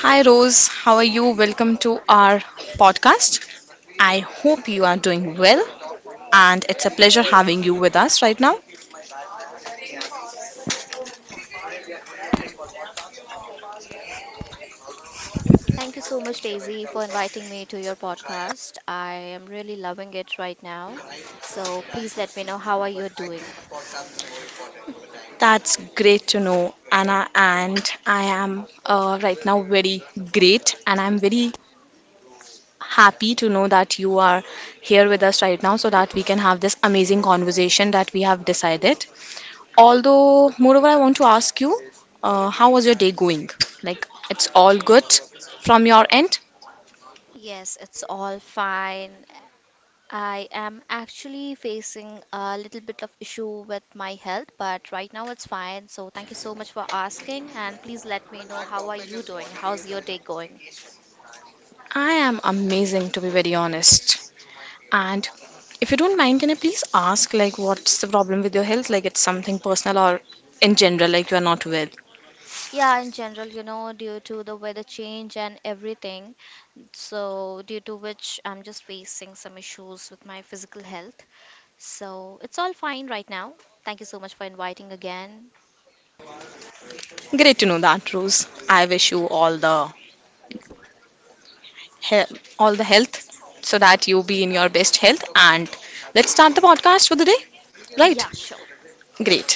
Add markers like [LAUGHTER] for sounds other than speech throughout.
Hi Rose, how are you? Welcome to our podcast. I hope you are doing well and it's a pleasure having you with us right now. Thank you so much, Daisy, for inviting me to your podcast. I am really loving it right now. So please let me know how are you doing. That's great to know, Anna. And I am right now very great and I'm very happy to know that you are here with us right now so that we can have this amazing conversation that we have decided. Although, moreover, I want to ask you, how was your day going? Like, it's all good from your end? Yes, it's all fine. I am actually facing a little bit of issue with my health, but right now it's fine. So thank you so much for asking, and please let me know how are you doing? How's your day going? I am amazing, to be very honest. And if you don't mind, can I please ask, like, what's the problem with your health? Like, it's something personal or in general, like you're not well. Yeah, in general, due to the weather change and everything, so due to which I'm just facing some issues with my physical health. So it's all fine right now. Thank you so much for inviting again. Great to know that, Rose. I wish you all the all the health so that you be in your best health, and let's start the podcast for the day. Right? Yeah, sure. Great.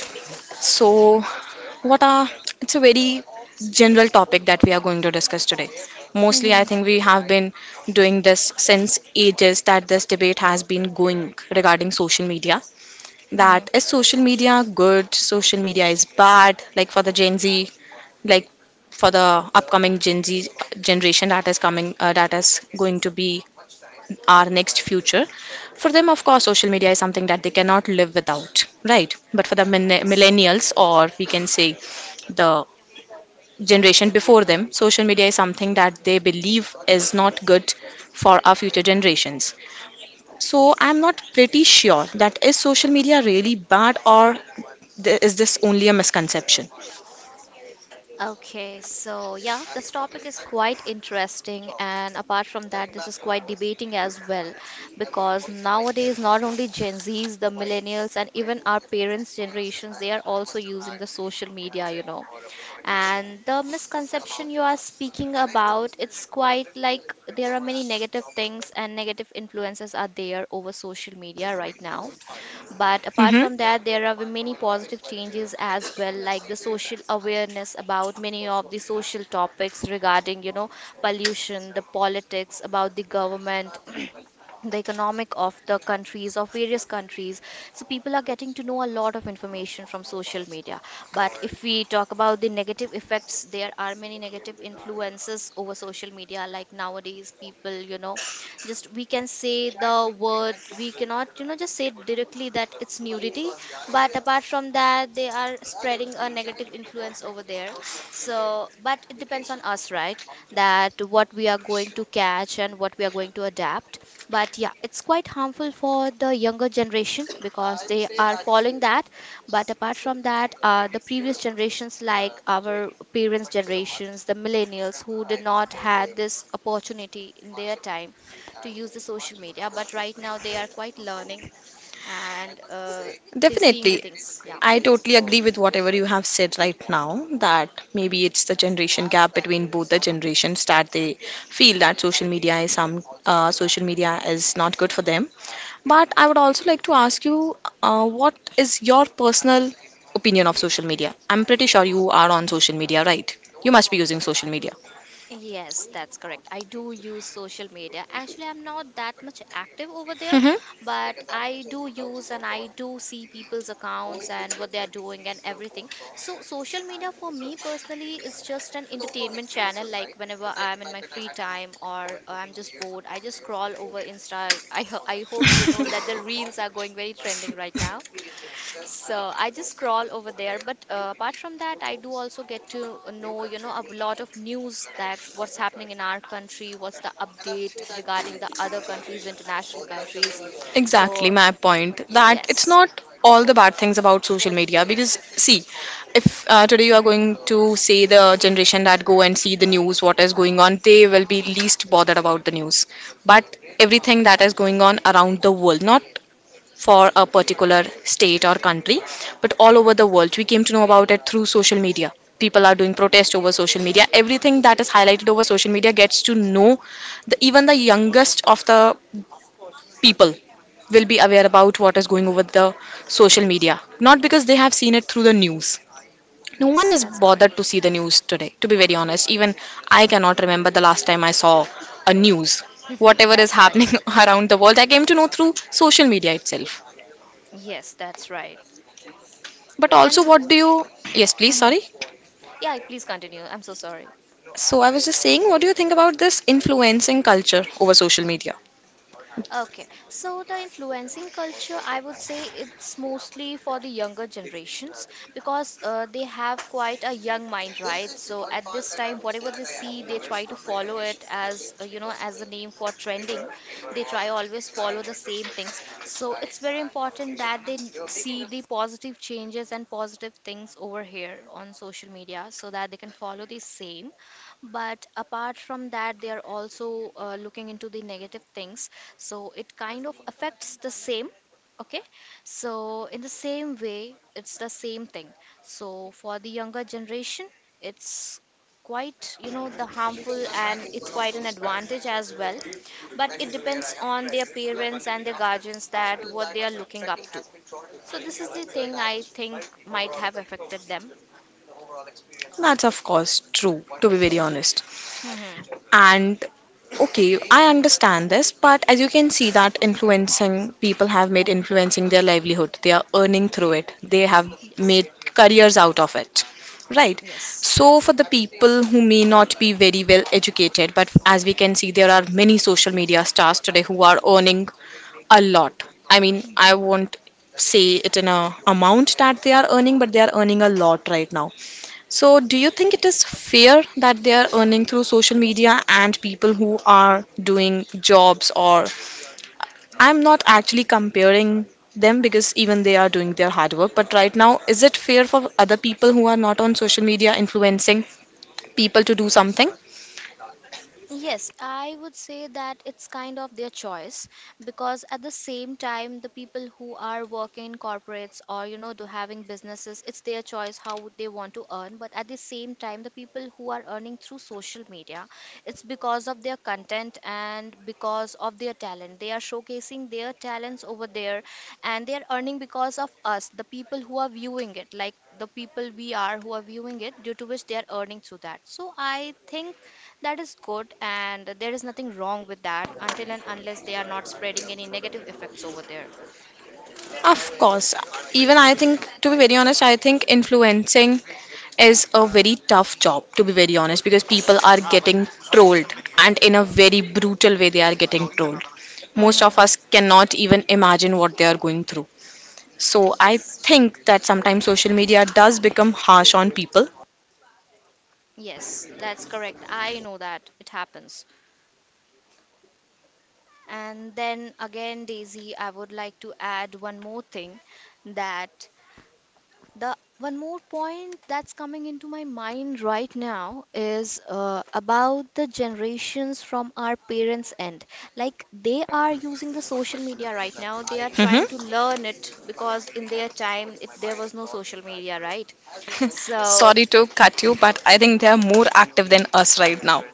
So What are, it's a very general topic that we are going to discuss today. Mostly, I Mm-hmm. think we have been doing this since ages, that this debate has been going regarding social media. Mm-hmm. That is, social media good, social media is bad, like for the Gen Z, like for the upcoming Gen Z generation that is coming, that is going to be our next future. For them, of course, social media is something that they cannot live without, right? But for the Yes. millennials, or we can say the generation before them, social media is something that they believe is not good for our future generations. So I'm not pretty sure that is social media really bad, or is this only a misconception? Okay, so yeah, this topic is quite interesting, and apart from that, this is quite debating as well because nowadays, not only Gen Zs, the millennials, and even our parents' generations, they are also using the social media, you know. And the misconception you are speaking about, it's quite like there are many negative things and negative influences are there over social media right now, but apart Hmm. from that, there are many positive changes as well, like the social awareness about many of the social topics regarding, you know, pollution, the politics, about the government, [CLEARS THROAT] the economic of the countries, of various countries. So people are getting to know a lot of information from social media. But if we talk about the negative effects, there are many negative influences over social media, like nowadays people, you know, just, we can say the word, we cannot, you know, just say directly that it's nudity, but apart from that, they are spreading a negative influence over there. So, but it depends on us, right? That what we are going to catch and what we are going to adapt. But yeah, it's quite harmful for the younger generation because they are following that. But apart from that, the previous generations, like our parents' generations, the millennials who did not had this opportunity in their time to use the social media, but right now they are quite learning and seeing the Definitely. things. Yeah. I totally agree with whatever you have said right now, that maybe it's the generation gap between both the generations, that they feel that social media is some, social media is not good for them. But I would also like to ask you, what is your personal opinion of social media? I'm pretty sure you are on social media, right? You must be using social media. Yes, that's correct. I do use social media. Actually, I'm not that much active over there, Hmm. but I do use and I do see people's accounts and what they are doing and everything. So, social media for me personally is just an entertainment channel. Like whenever I'm in my free time or I'm just bored, I just scroll over Insta. I hope you know [LAUGHS] that the reels are going very trending right now. So I just scroll over there, but apart from that, I do also get to know, you know, a lot of news, that what's happening in our country, what's the update regarding the other countries, international countries. Exactly So my point, that it's yes, not all the bad things about social media. Because see, if today you are going to say the generation that go and see the news, what is going on, they will be least bothered about the news. But everything that is going on around the world, not for a particular state or country, but all over the world, we came to know about it through social media. People are doing protest over social media. Everything that is highlighted over social media gets to know. The even the youngest of the people will be aware about what is going over the social media, not because they have seen it through the news. No one yes, is that's correct. bothered to see the news today, to be very honest. Even I cannot remember the last time I saw a news. [LAUGHS] Whatever is That's right. happening [LAUGHS] around the world, I came to know through social media itself. Yes, that's right. But also, And what do you. Yes, please, mhm, sorry. yeah, please continue, I'm so sorry. So, I was just saying, what do you think about this influencing culture over social media? Okay, so the influencing culture, I would say it's mostly for the younger generations because they have quite a young mind, right? So at this time, whatever they see, they try to follow it as you know, as a name for trending. They try always follow the same things. So it's very important that they see the positive changes and positive things over here on social media, so that they can follow the same. But apart from that, they are also looking into the negative things. So it kind of affects the same. Okay. So in the same way, it's the same thing. So for the younger generation, it's quite, you know, the harmful and it's quite an advantage as well. But it depends on their parents and their guardians that what they are looking up to. So this is the thing I think might have affected them. That's of course true, to be very honest. Hmm. And okay, I understand this, but as you can see that influencing people have made influencing their livelihood. They are earning through it. They have Yes. made careers out of it. Right. Yes. So for the people who may not be very well educated, but as we can see there are many social media stars today who are earning a lot. I mean, I Mm-hmm. won't say it in a amount that they are earning, but they are earning a lot right now. So, do you think it is fair that they are earning through social media and people who are doing jobs, or I'm not actually comparing them, because even they are doing their hard work, but right now, is it fair for other people who are not on social media influencing people to do something? Yes, I would say that it's kind of their choice because at the same time, the people who are working in corporates or, you know, do having businesses, it's their choice how they want to earn. But at the same time, the people who are earning through social media, it's because of their content and because of their talent. They are showcasing their talents over there, and they are earning because of us, the people who are viewing it, like the people we are who are viewing it, due to which they are earning through that. So I think that is good, and there is nothing wrong with that until and unless they are not spreading any negative effects over there. Of course. Even I think, to be very honest, I think influencing is a very tough job, to be very honest, because people are getting trolled, and in a very brutal way they are getting trolled. Most Mm-hmm. of us cannot even imagine what they are going through. So I Yes, think that sometimes social media does become harsh on people. yes, that's correct. I know that it happens. And then again, Daisy, I would like to add one more thing, that the one more point that's coming into my mind right now is about the generations from our parents' end. Like they are using the social media right now. They are Hmm. trying to learn it because in their time it, there was no social media, right? So Sorry to cut you, but I think they are more active than us right now.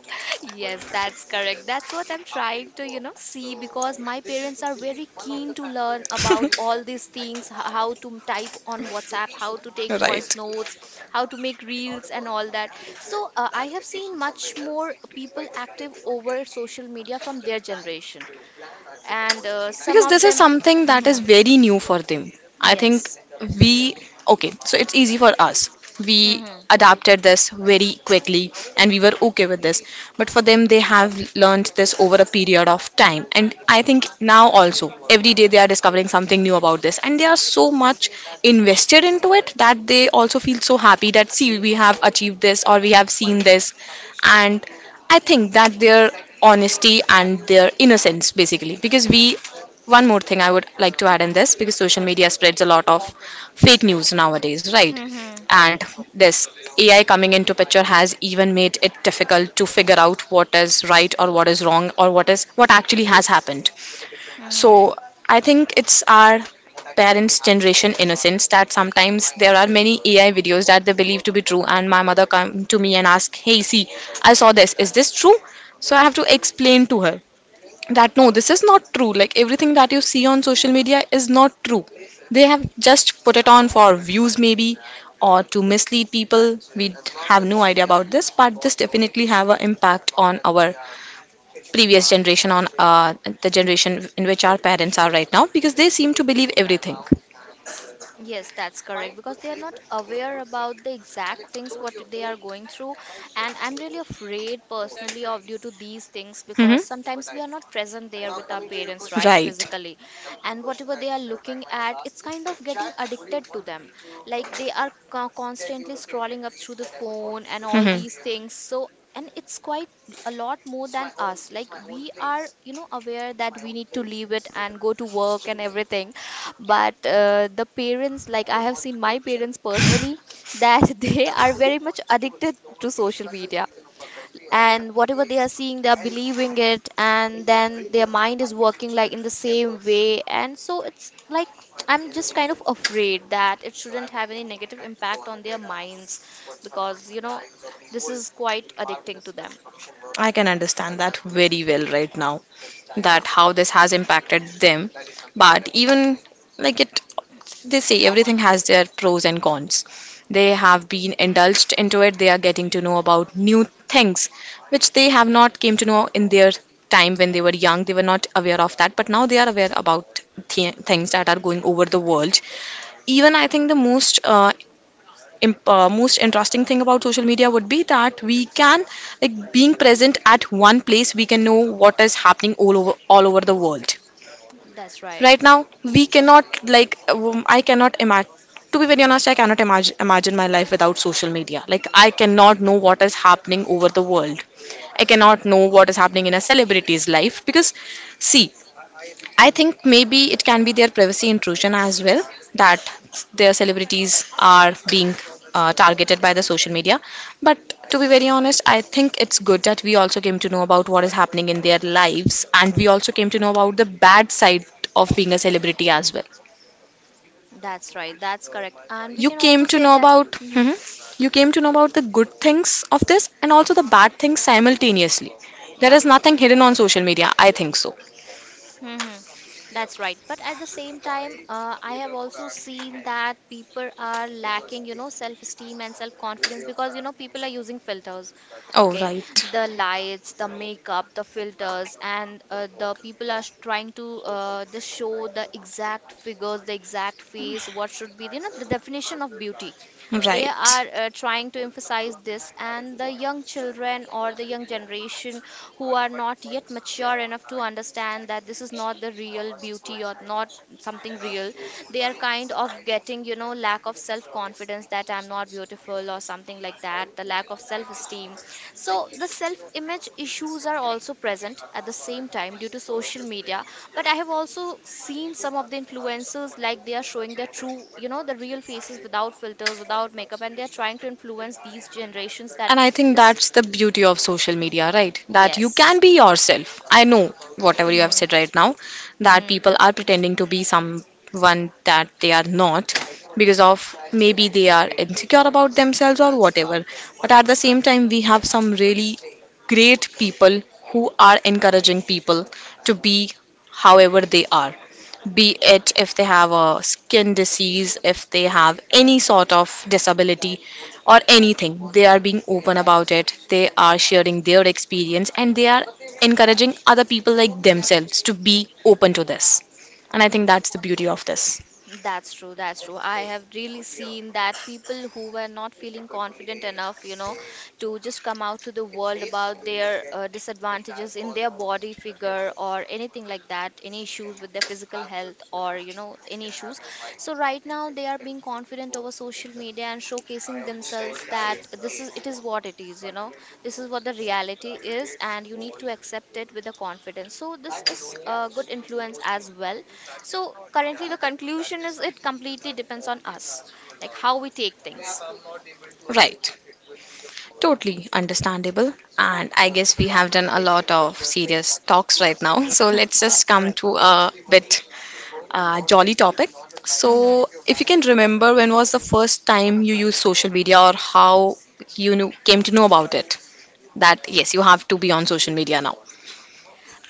yes, that's correct. That's what I'm trying to, you know, see, because my parents are very keen to learn about [LAUGHS] all these things, how to type on WhatsApp, how to take voice Right. notes, how to make reels and all that. So I have seen much more people active over social media from their generation. And some Because of this is them, something that is mhm, very new for them. I think yes. we, okay, so it's easy for us. We Hmm, adapted this very quickly and we were okay with this. But for them, they have learned this over a period of time. And I think now also, every day they are discovering something new about this. And they are so much invested into it that they also feel so happy that, see, we have achieved this or we have seen this. And I think that their honesty and their innocence, basically, because we one more thing I would like to add in this, because social media spreads a lot of fake news nowadays, right? hmm, And this AI coming into picture has even made it difficult to figure out what is right or what is wrong or what is what actually has happened. hmm, hmm. So I think it's our parents' generation innocence that sometimes there are many AI videos that they believe to be true, and my mother come to me and ask, "Hey, see, I saw this. Is this true?" So I have to explain to her that no, this is not true. Like, everything that you see on social media is not true. They have just put it on for views maybe, or to mislead people. We have no idea about this, but this definitely have an impact on our previous generation, on the generation in which our parents are right now, because they seem to believe everything. Yes, that's correct, because they are not aware about the exact things what they are going through, and I'm really afraid personally of due to these things, because Hmm. sometimes we are not present there with our parents, right, Right. physically, and whatever they are looking at, it's kind of getting addicted to them, like they are constantly scrolling up through the phone and all Hmm. these things. So, and it's quite a lot more than us, like we are, you know, aware that we need to leave it and go to work and everything, but the parents, like I have seen my parents personally that [LAUGHS] they are very much addicted to social media, and whatever they are seeing, they are believing it, and then their mind is working like in the same way. And so it's like [TSK] I'm just kind of afraid that it shouldn't have any negative impact on their To minds, because you know this is quite addicting to them. I workers can understand that very well right now, Yeah, that how this has impacted them. But even like it, they say everything has their pros and cons. They have been indulged into it. They are getting to know about new things, which they have not came to know in their time when they were young. They were not aware of that, but now they are aware about things that are going over the world. Even I think the most most interesting thing about social media would be that we can, like, being present at one place, we can know what is happening all over the world that's right, right now. We cannot like, I cannot imagine, to be very honest, I cannot imagine my life without social media. Like, I cannot know what is happening over the world. I cannot know what is happening in a celebrity's life, because see, I think maybe it can be their privacy intrusion as well, that their celebrities are being targeted by the social media. But to be very honest, I think it's good that we also came to know about what is happening in their lives, and we also came to know about the bad side of being a celebrity as well. that's right, that's correct, and we You can came also to say know that, about, hmm, mhm, you came to know about the good things of this and also the bad things simultaneously. There yeah. is nothing hidden on social media, I think so. Mm-hmm. That's right. But at the same time, I have also seen that people are lacking, you know, self-esteem and self-confidence because, you know, people are using filters. Oh, Okay. right. The lights, the makeup, the filters, and the people are trying to just show the exact figures, the exact face, what should be, you know, the definition of beauty. They Right. are trying to emphasize this, and the young children or the young generation who are not yet mature enough to understand that this is not the real beauty or not something real, they are kind of getting, you know, lack of self confidence that I'm not beautiful or something like that, the lack of self esteem. So the self image issues are also present at the same time due to social media. But I have also seen some of the influencers, like they are showing their true, you know, the real faces without filters, without makeup, and they are trying to influence these generations that And I think this, that's the beauty of social media, right? That you yes, can be yourself. I know whatever you have hmm, said right now, that hmm. people are pretending to be someone that they are not, because of maybe they are insecure about themselves or whatever. But at the same time, we have some really great people who are encouraging people to be however they are, be it if they have a skin disease, if they have any sort of disability, or anything. They are being open about it. They are sharing their experience, and they are encouraging other people like themselves to be open to this. And I think that's the beauty of this. That's true. That's true. I have really seen that people who were not feeling confident enough, you know, to just come out to the world about their disadvantages in their body figure or anything like that, any issues with their physical health or, you know, any issues. So right now they are being confident over social media and showcasing themselves that this is, it is what it is, you know, this is what the reality is and you need to accept it with the confidence. So this is a good influence as well. So currently the conclusion is, it completely depends on us, like how we take things. Right. Totally understandable. And I guess we have done a lot of serious talks right now. [LAUGHS] So let's [LAUGHS] just That's come correct. to a bit jolly topic. Hmm. So, if you can remember, when was the first time you used social media, or how you knew, came to know about it? That yes, you have to be on social media now.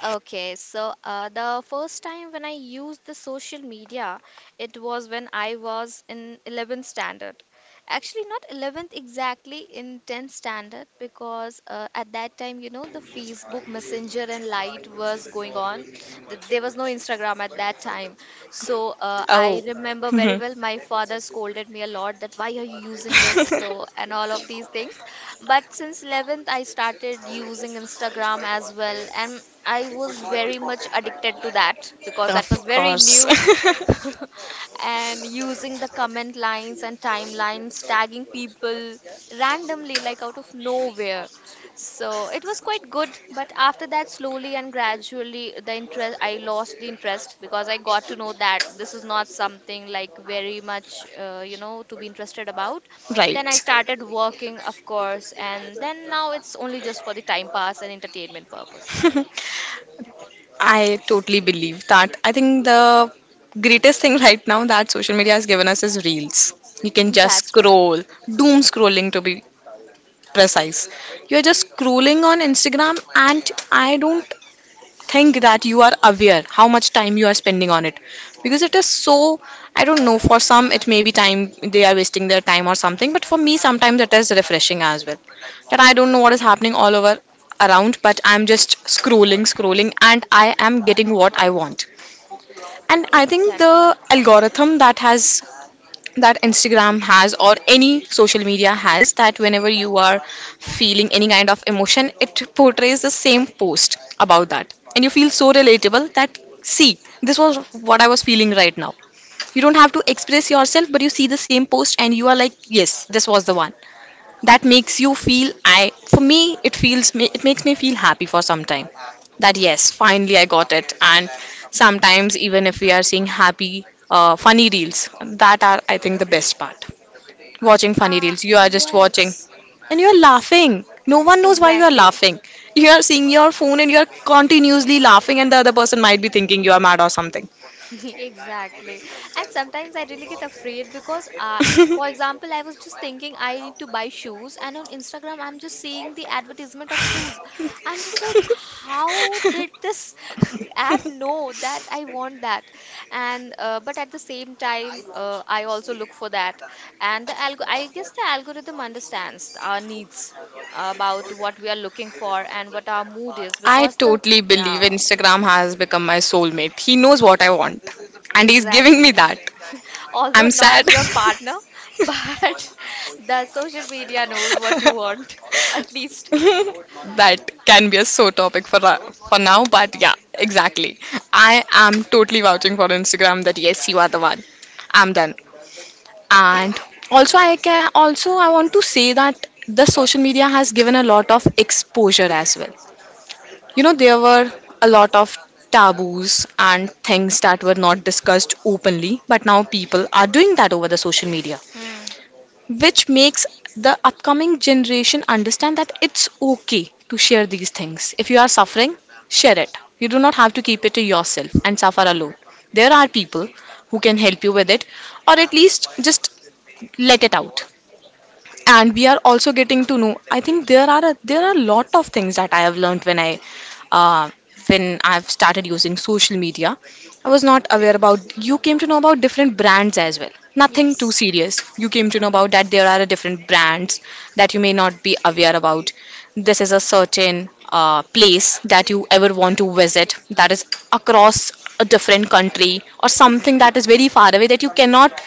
Okay, so the first time when I used the social media, it was when I was in 11th standard. Actually, not 11th exactly, in 10th standard, because at that time, you know, the Facebook Messenger and Lite was going on. There was no Instagram at that time. So I Oh, remember very mhm. well, my father scolded me a lot that why are you using this? So, [LAUGHS] and all of these things. But since 11th, I started using Instagram as well. And I was very much addicted to that because that Of was very course. new. [LAUGHS] [LAUGHS] And using the comment lines and timelines, tagging people randomly, like out of nowhere. So it was quite good, but after that, slowly and gradually, the interest I lost the interest because I got to know that this is not something like very much, to be interested about. Then I Right. started working, of course, and then now it's only just for the time pass and entertainment purpose. [LAUGHS] I totally believe that. I think the greatest thing right now that social media has given us is reels. You can [LAUGHS] just That's true. scroll, doom scrolling to be precise. You're just scrolling on Instagram, and I don't think that you are aware how much time you are spending on it because it is, so I don't know. For some it may be, time they are wasting their time or something, but for me sometimes it is refreshing as well that I don't know what is happening all over around, but I'm just scrolling, scrolling, and I am getting what I want. And I think the Exactly. algorithm that Instagram has, or any social media has, that whenever you are feeling any kind of emotion, it portrays the same post about that. And you feel so relatable that, see, this was what I was feeling right now. You don't have to express yourself, but you see the same post and you are like, yes, this was the one. That makes you feel, I, for me, it makes me feel happy for some time that, yes, finally I got it. And sometimes, even if we are seeing funny reels, that are, I think, the best part, watching Funny. funny Ah, reels. You are just watching yes, and you are laughing. No one knows why you are exactly. laughing. You are seeing your phone and you are continuously laughing, and the other person might be thinking you are mad or something. [LAUGHS] [LAUGHS] Exactly. And sometimes I really get afraid because, for example, I was just thinking I need to buy shoes, and on Instagram, I'm just seeing the advertisement of shoes. I'm just like, how did this [LAUGHS] app know that I want that? And But at the same time, I also look for that. And the algo I guess the algorithm understands our needs about what we are looking for and what our mood is I because totally believe yeah. Instagram has become my soulmate. He knows what I want and he's giving me Exactly. that. [LAUGHS] Although I'm not sad. your partner, [LAUGHS] [LAUGHS] but the social media knows what you want, [LAUGHS] at least. [LAUGHS] That can be a sore topic for now, but yeah, exactly. I am totally vouching for Instagram that, yes, you are the one. I'm done. And also, I can also I want to say that the social media has given a lot of exposure as well. There were a lot of taboos and things that were not discussed openly, but now people are doing that over the social media, Hmm. which makes the upcoming generation understand that it's okay to share these things. If you are suffering, share it. You do not have to keep it to yourself and suffer alone. There are people who can help you with it, or at least just let it out. And we are also getting to know, I think, there are a lot of things that I have learned. When I uh, when I've started using social media, I was not aware about. You came to know about different brands as well, nothing too Yes. serious. You came to know Mm-hmm. about that there are different brands that you may not be aware about. This is a certain place that you ever want to visit, that is across a different country or something, that is very far away, that you cannot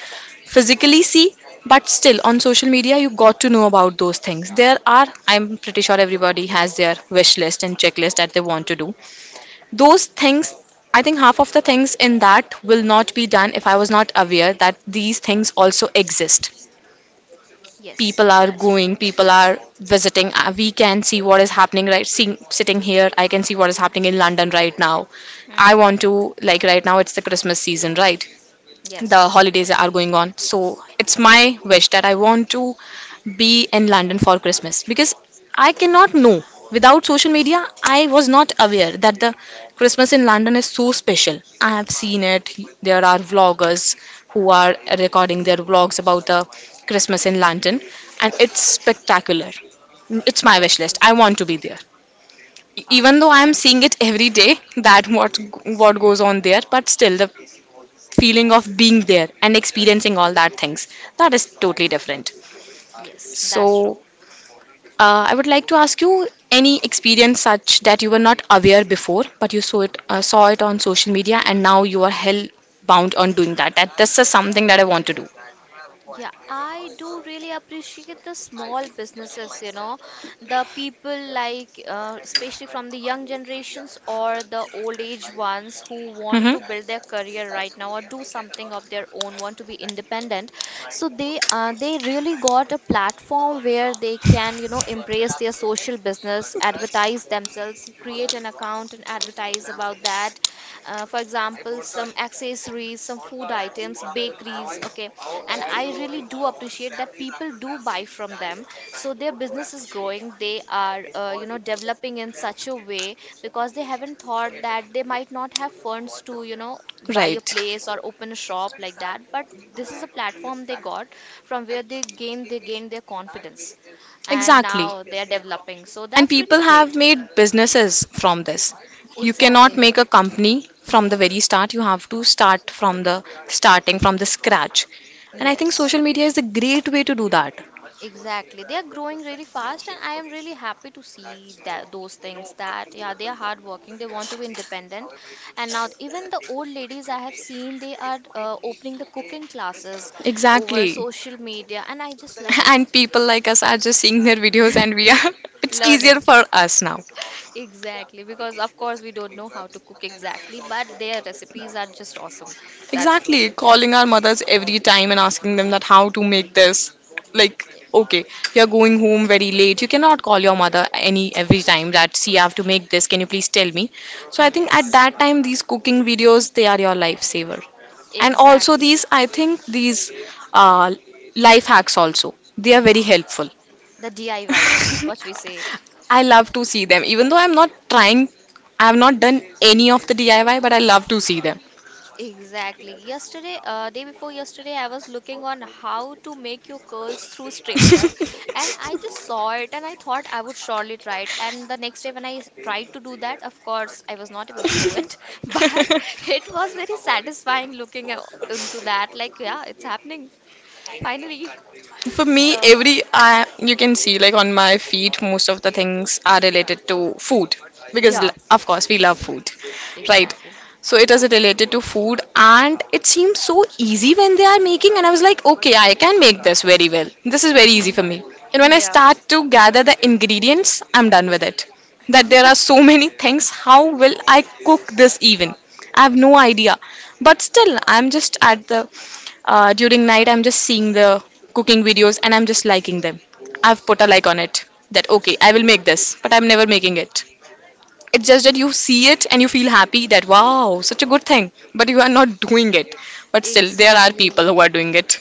physically see, but still on social media you got to know about those things. There are, I'm pretty sure everybody has their wish list and checklist that they want to do those things. I think half of the things in that will not be done if I was not aware that these things also exist. Yes, People are that's true. going, people are visiting We can see what is happening, right? Seeing sitting here, I can see what is happening in London right now. I Mm-hmm. want to, like, right now it's the Christmas season, right? The Yes, holidays are going on, so it's my wish that I want to be in London for Christmas, because I cannot. Know, without social media I was not aware that the Christmas in London is so special. I have seen it. There are vloggers who are recording their vlogs about the Christmas in London, and it's spectacular. It's my wish that's list. true. I want to be there. Even Of though I am seeing course. it every day that what goes on there, but still the feeling of being there and experiencing all that things, that is totally different. Yes, so that's true. uh, I would like to ask you, any experience such that you were not aware before, but you saw it, saw it on social media, and now you are hell bound on doing that, that this is something that I want to do. Yeah, I do really appreciate the small businesses, the people like, especially from the young generations or the old age ones who want Hmm. to build their career right now or do something of their own, want to be independent. So they really got a platform where they can, embrace their social business, advertise themselves, create an account and advertise about that, for example, some accessories, some food items, bakeries. Okay, and I really do appreciate that people do buy from them, so their business is growing. They are, developing in such a way, because they haven't thought that they might not have funds to, buy a Right. place or open a shop like that. But this is a platform they got from where they gain, they gain their confidence and Exactly. now they are developing, so And that's really people have great. made businesses from this. You cannot Exactly. make a company from the very start. You have to start from the starting, from the scratch. And I think Yes. social media is a great way to do that. Exactly. They are growing really fast, and I am really happy to see that those things, that yeah, they are hardworking. They want to be independent, and now even the old ladies I have seen, they are, opening the cooking classes over Exactly. social media, and I just love [LAUGHS] it. And people like us are just seeing their videos, and we are. [LAUGHS] It's easier Learning. for us now. Exactly, because of course we don't know how to cook exactly, but their recipes are just awesome. That's true. Exactly, calling our mothers every time and asking them that how to make this. Like, okay, you're going home very late, you cannot call your mother any every time that, see, I have to make this, can you please tell me? So I think at Yes, that time these cooking videos, they are your lifesaver. And also exactly. these, I think these uh, life hacks also, they are very Yeah, helpful. the DIYs, what we say. [LAUGHS] I love to see them, even though I'm not trying. I have not done any of the DIY, but I love to see them. Exactly. Yesterday, day before yesterday, I was looking on how to make your curls through straightener, [LAUGHS] and I just saw it and I thought I would surely try it. And the next day, when I tried to do that, of course, I was not able to do it, [LAUGHS] but Mhm. it was very satisfying looking into that. Like, yeah, it's happening finally. [LAUGHS] For me, So, every I you can see, like, on my feed, most of the things are related to food, because yeah, of course we love food, right? exactly. So it is related to food, and it seems so easy when they are making, and I was like, okay, I can make this very well, this is very easy Hmm. for me. And when I Yeah, start to gather the ingredients, I'm done with it, that there are so [LAUGHS] many things. How will I cook this even? I have no idea. But still, I'm just at the during night, I'm just seeing the cooking videos and I'm just liking them. I've put a like on it that, okay, I will make this, but I'm never making it. It's just that you see it and you feel happy that, wow, such a good thing, but you are not [LAUGHS] doing it. But still, there are exactly. people who are doing it.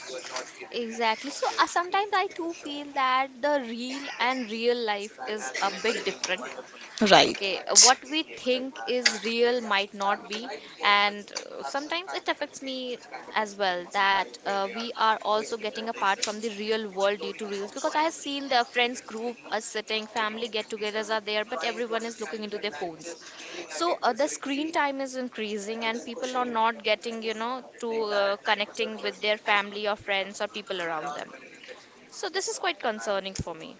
Exactly. So sometimes I too feel that the real and real life is a bit different. Right. Okay, what we think is real might not be, and sometimes it affects me as well that we are also getting apart from the real world due to reels, because I have seen the friends group are sitting, family get-togethers are there, but everyone is looking into their phones. So the screen time is increasing, and people are not getting, you know, to connecting with their family or friends or people around them. So this is quite concerning for me.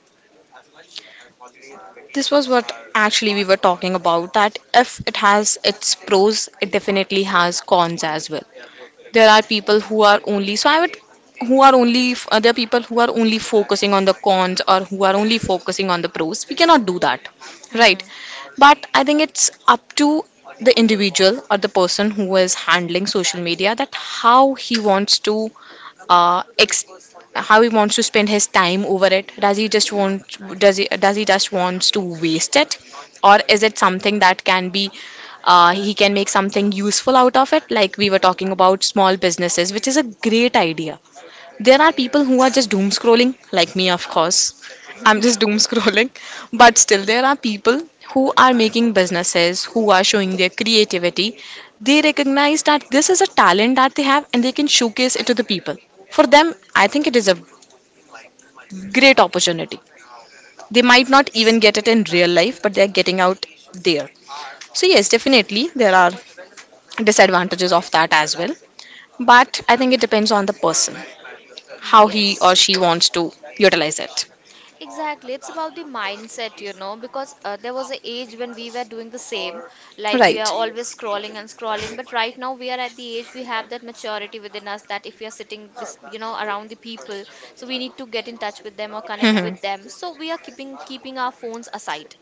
This was what actually we were talking about, that if it has its pros, it definitely has cons as well. There are people who are only, there are people who are only focusing on the cons, or who are only focusing on the pros. We cannot do that, right? Hmm. But I think it's up to the individual or the person who is handling social media, that how he wants to uh, how he wants to spend his time over it. Does he just wants to waste it, or is it something that can be he can make something useful out of it? Like, we were talking about small businesses, which is a great idea. There are people who are just doom scrolling like me, of course, I'm just doom [LAUGHS] scrolling. But still, there are people who are making businesses, who are showing their creativity. They recognize that this is a talent that they have, and they can showcase it to the people. For them, I think it is a great opportunity. They might not even Yes, get it in real life, but they're getting out there. So, yes, definitely there are disadvantages of that as well, but I think it depends on the person, how he or yes. she wants to utilize it. Exactly, it's about the mindset, because there was an age when we were doing the same, like we Right. are always scrolling and scrolling. But right now, we are at the age we have that maturity within us that if we are sitting, around the people, so we need to get in touch with them or connect Mhm. with them. So we are keeping our phones aside,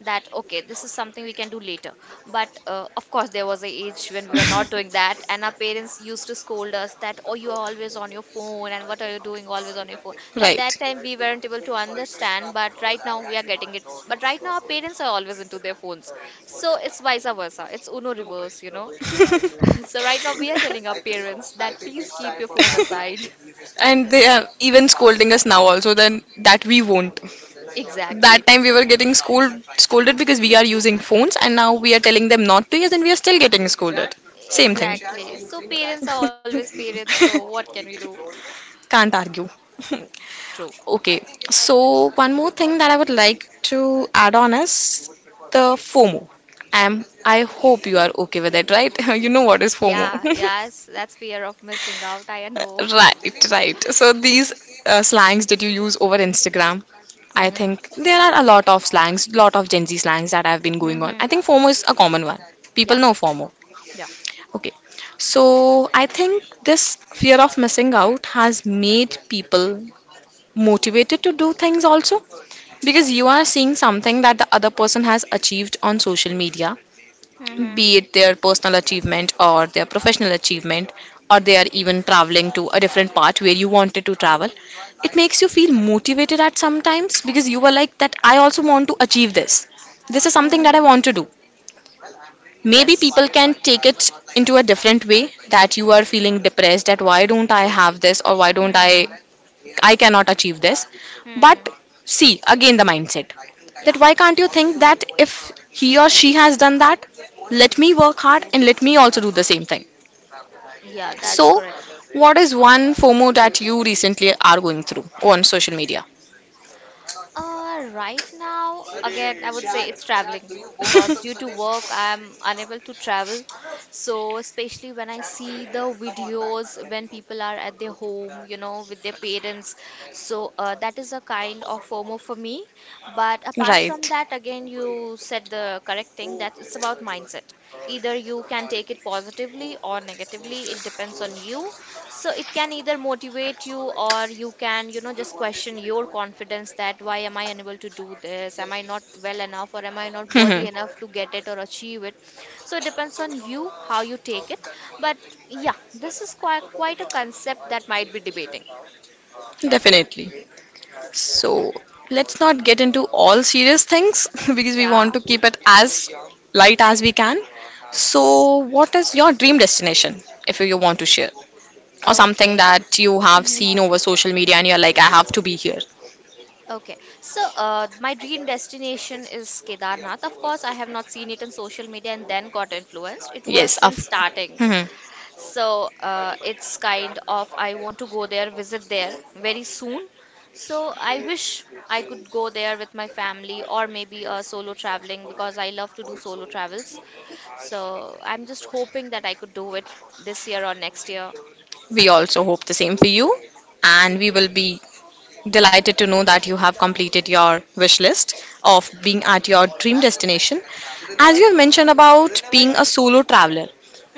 that okay, this is something we can do later. But of course, there was a age when we were not doing [LAUGHS] that and our parents used to scold us that, oh, you are always on your phone and what are you doing always on your phone. At Right. that time we weren't able to understand, but right now we are getting it. But right now our parents are always into their phones, so it's vice versa, it's uno [LAUGHS] reverse, you know. [LAUGHS] So right now we are telling our parents that please keep your phone aside. And they are even scolding us now also, then, that we won't. [LAUGHS] That Exactly, time we were getting scolded because we are using phones, and now we are telling them not to use, and we are still getting scolded. Same thing. exactly. So parents are always parents, so what can we do? [LAUGHS] Can't argue. [LAUGHS] True. Okay, so one more thing that I would like to add on is the FOMO. I hope you are okay with it, right? [LAUGHS] You know what is FOMO? Yeah, yes, [LAUGHS] that's fear of missing out. I know. [LAUGHS] Right, right. So these slangs that you use over Instagram, I Mm-hmm. think there are a lot of slangs, lot of Gen Z slangs that have been going on. Mm-hmm. I think FOMO is a common one. People Yeah, know FOMO. yeah. Okay. So I think this fear of missing out has made people motivated to do things also, because you are seeing something that the other person has achieved on social media, Mm-hmm. be it their personal achievement or their professional achievement, or they are even traveling to a different part where you wanted to travel. It makes you feel motivated at sometimes, because you were like that, I also want to achieve this, this is something that Mm-hmm. I want to do. Maybe Yes. people can take it into a different way, that you are feeling depressed, that why don't I have this, or why don't Hmm. I cannot achieve this. Hmm. But see, again, the mindset, Yeah. that why can't you think that if he or she has done that, let me work hard and let me also do the same thing. Yeah, that's So, correct. what is one FOMO that you recently are going through on social media? Right now, again, I would say it's traveling, because due to work, I'm unable to travel. So, especially when I see the videos when people are at their home, with their parents. So, that is a kind of FOMO for me. But [LAUGHS] apart from Right. that, again, you said the correct thing, that it's about mindset. Either you can take it positively or negatively, it depends on you. So it can either motivate you or you can, just question your confidence that why am I unable to do this? Am I not well enough or am I not worthy [LAUGHS] enough to get it or achieve it? So it depends on you how you take it. But yeah, this is quite a concept that might be debating. Definitely. So let's not get into all serious things [LAUGHS] because we Yeah. want to keep it as light as we can. Yes. So, what is your dream destination if you want to share, or something Okay. that you have Mhm. seen over social media and you're like, I have to be here? Okay, so my dream destination is Kedarnath. Of course, I have not seen it on social media and then got influenced. It was Yes, of. since starting. hmm So it's kind of I want to go there, visit there very soon. So I wish I could go there with my family or maybe solo traveling, because I love to do solo travels. So I'm just hoping that I could do it this year or next year. We also hope the same for you, and we will be delighted to know that you have completed your wish list of being at your dream destination. As you have mentioned about being a solo traveler,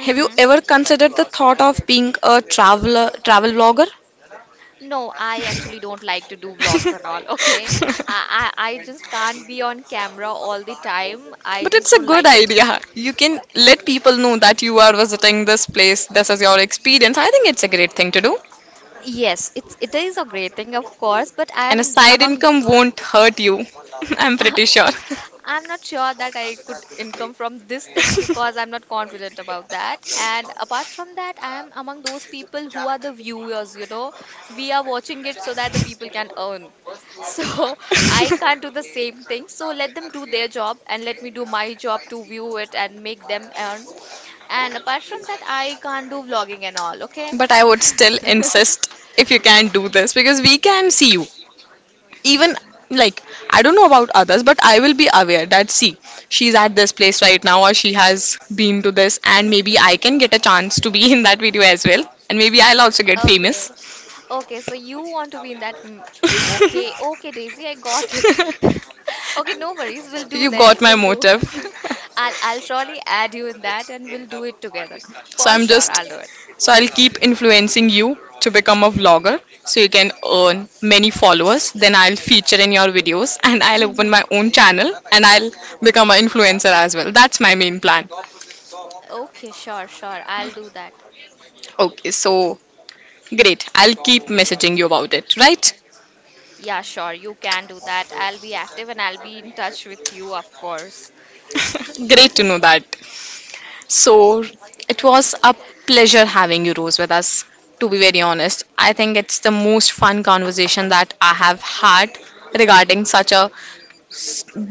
have you ever considered the thought of being a travel vlogger? No, I actually don't like to do vlogs at all. [LAUGHS] Okay. [LAUGHS] I just can't be on camera all the time. I But just it's a don't good like it. idea. You can let people know that you are visiting this place. This is your experience. I think it's a great thing to do. Yes, it is a great thing, of course, but I And a am side among income won't hurt you. [LAUGHS] I'm pretty sure. I'm not sure that I could income from this thing, because I'm not confident about that. And apart from that, I am among those people who are the viewers, you know. We are watching it so that the people can earn. So [LAUGHS] I [LAUGHS] can't do the same thing. So let them do their job and let me do my job to view it and make them earn. And apart from that, I can't do vlogging and all, okay? But I would still insist if you can do this because we can see you. Even like, I don't know about others, but I will be aware that see, she's at this place right now or she has been to this, and maybe I can get a chance to be in that video as well. And maybe I'll also get Okay. famous. Okay, so you want to be in that. [LAUGHS] Okay, okay, Daisy, I got it. [LAUGHS] Okay, no worries. We'll do You then. got my We'll do. motive. [LAUGHS] I'll [LAUGHS] I'll surely add you in that and we'll do it together. So For I'm sure, just I'll do it. So I'll keep influencing you to become a vlogger so you can earn many followers. Then I'll feature in your videos [LAUGHS] and I'll open Hmm. my own channel and I'll become an influencer as well. That's my main plan. Okay, sure, sure. I'll do that. Okay, so great. I'll keep messaging you about it, right? Yeah, sure, you can do that. I'll be active and I'll be in touch with you, of course. [LAUGHS] Great to know that. So it was a pleasure having you, Rose, with us. To be very honest, I think it's the most fun conversation that I have had regarding such a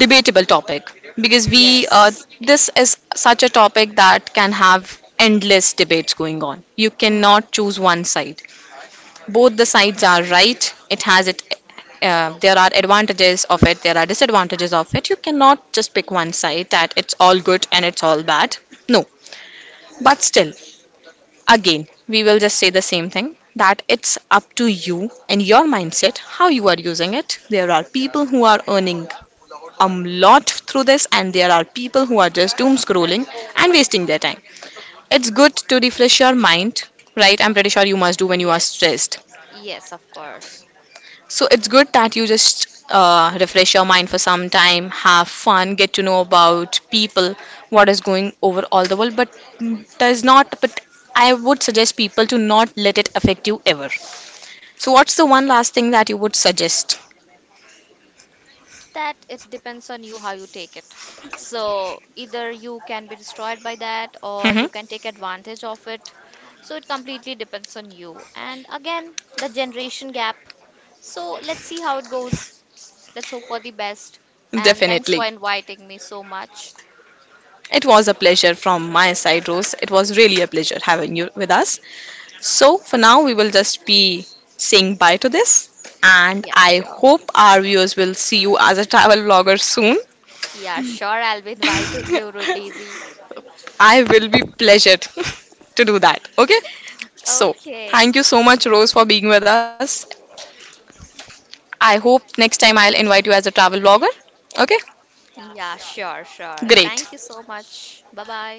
debatable topic because we Yes. this is such a topic that can have endless debates going on. You Hmm. cannot choose one side, both the sides are right. it has it There are advantages of it, there are disadvantages of it. You cannot just pick one side that it's all good and it's all bad, no. But still again we will just say the same thing, that it's up to you and your mindset how you are using it. There are people who are earning a lot through this, and there are people who are just doom scrolling and wasting their time. It's good to refresh your mind, right? I'm pretty sure you must do when you are Yes. stressed. Yes, of course. So it's good that you just refresh your mind for some time, have fun, get to know about people, what is going over all the world. But does not. But I would suggest people to not let it affect you ever. So what's the one last thing that you would suggest? That it depends on you how you take it. So either you can be destroyed by that or you can take advantage of it. So it completely depends on you. And again, the generation gap. So let's see how it goes. Let's hope for the best. [LAUGHS] And thanks Definitely. for inviting me so much. It was a pleasure from my side, Rose. It was really a pleasure having you with us. So, for now, we will just be saying bye to this. And Yeah, I sure. hope our viewers will see you as a travel vlogger soon. Yeah, sure. I'll be inviting you, Daisy. [LAUGHS] I will be pleasured [LAUGHS] to do that. Okay? So, Okay. thank you so much, Rose, for being with us. I hope next time I'll invite you as a travel vlogger. Okay? Yeah, sure, sure. Thank you Great. so much. Bye bye.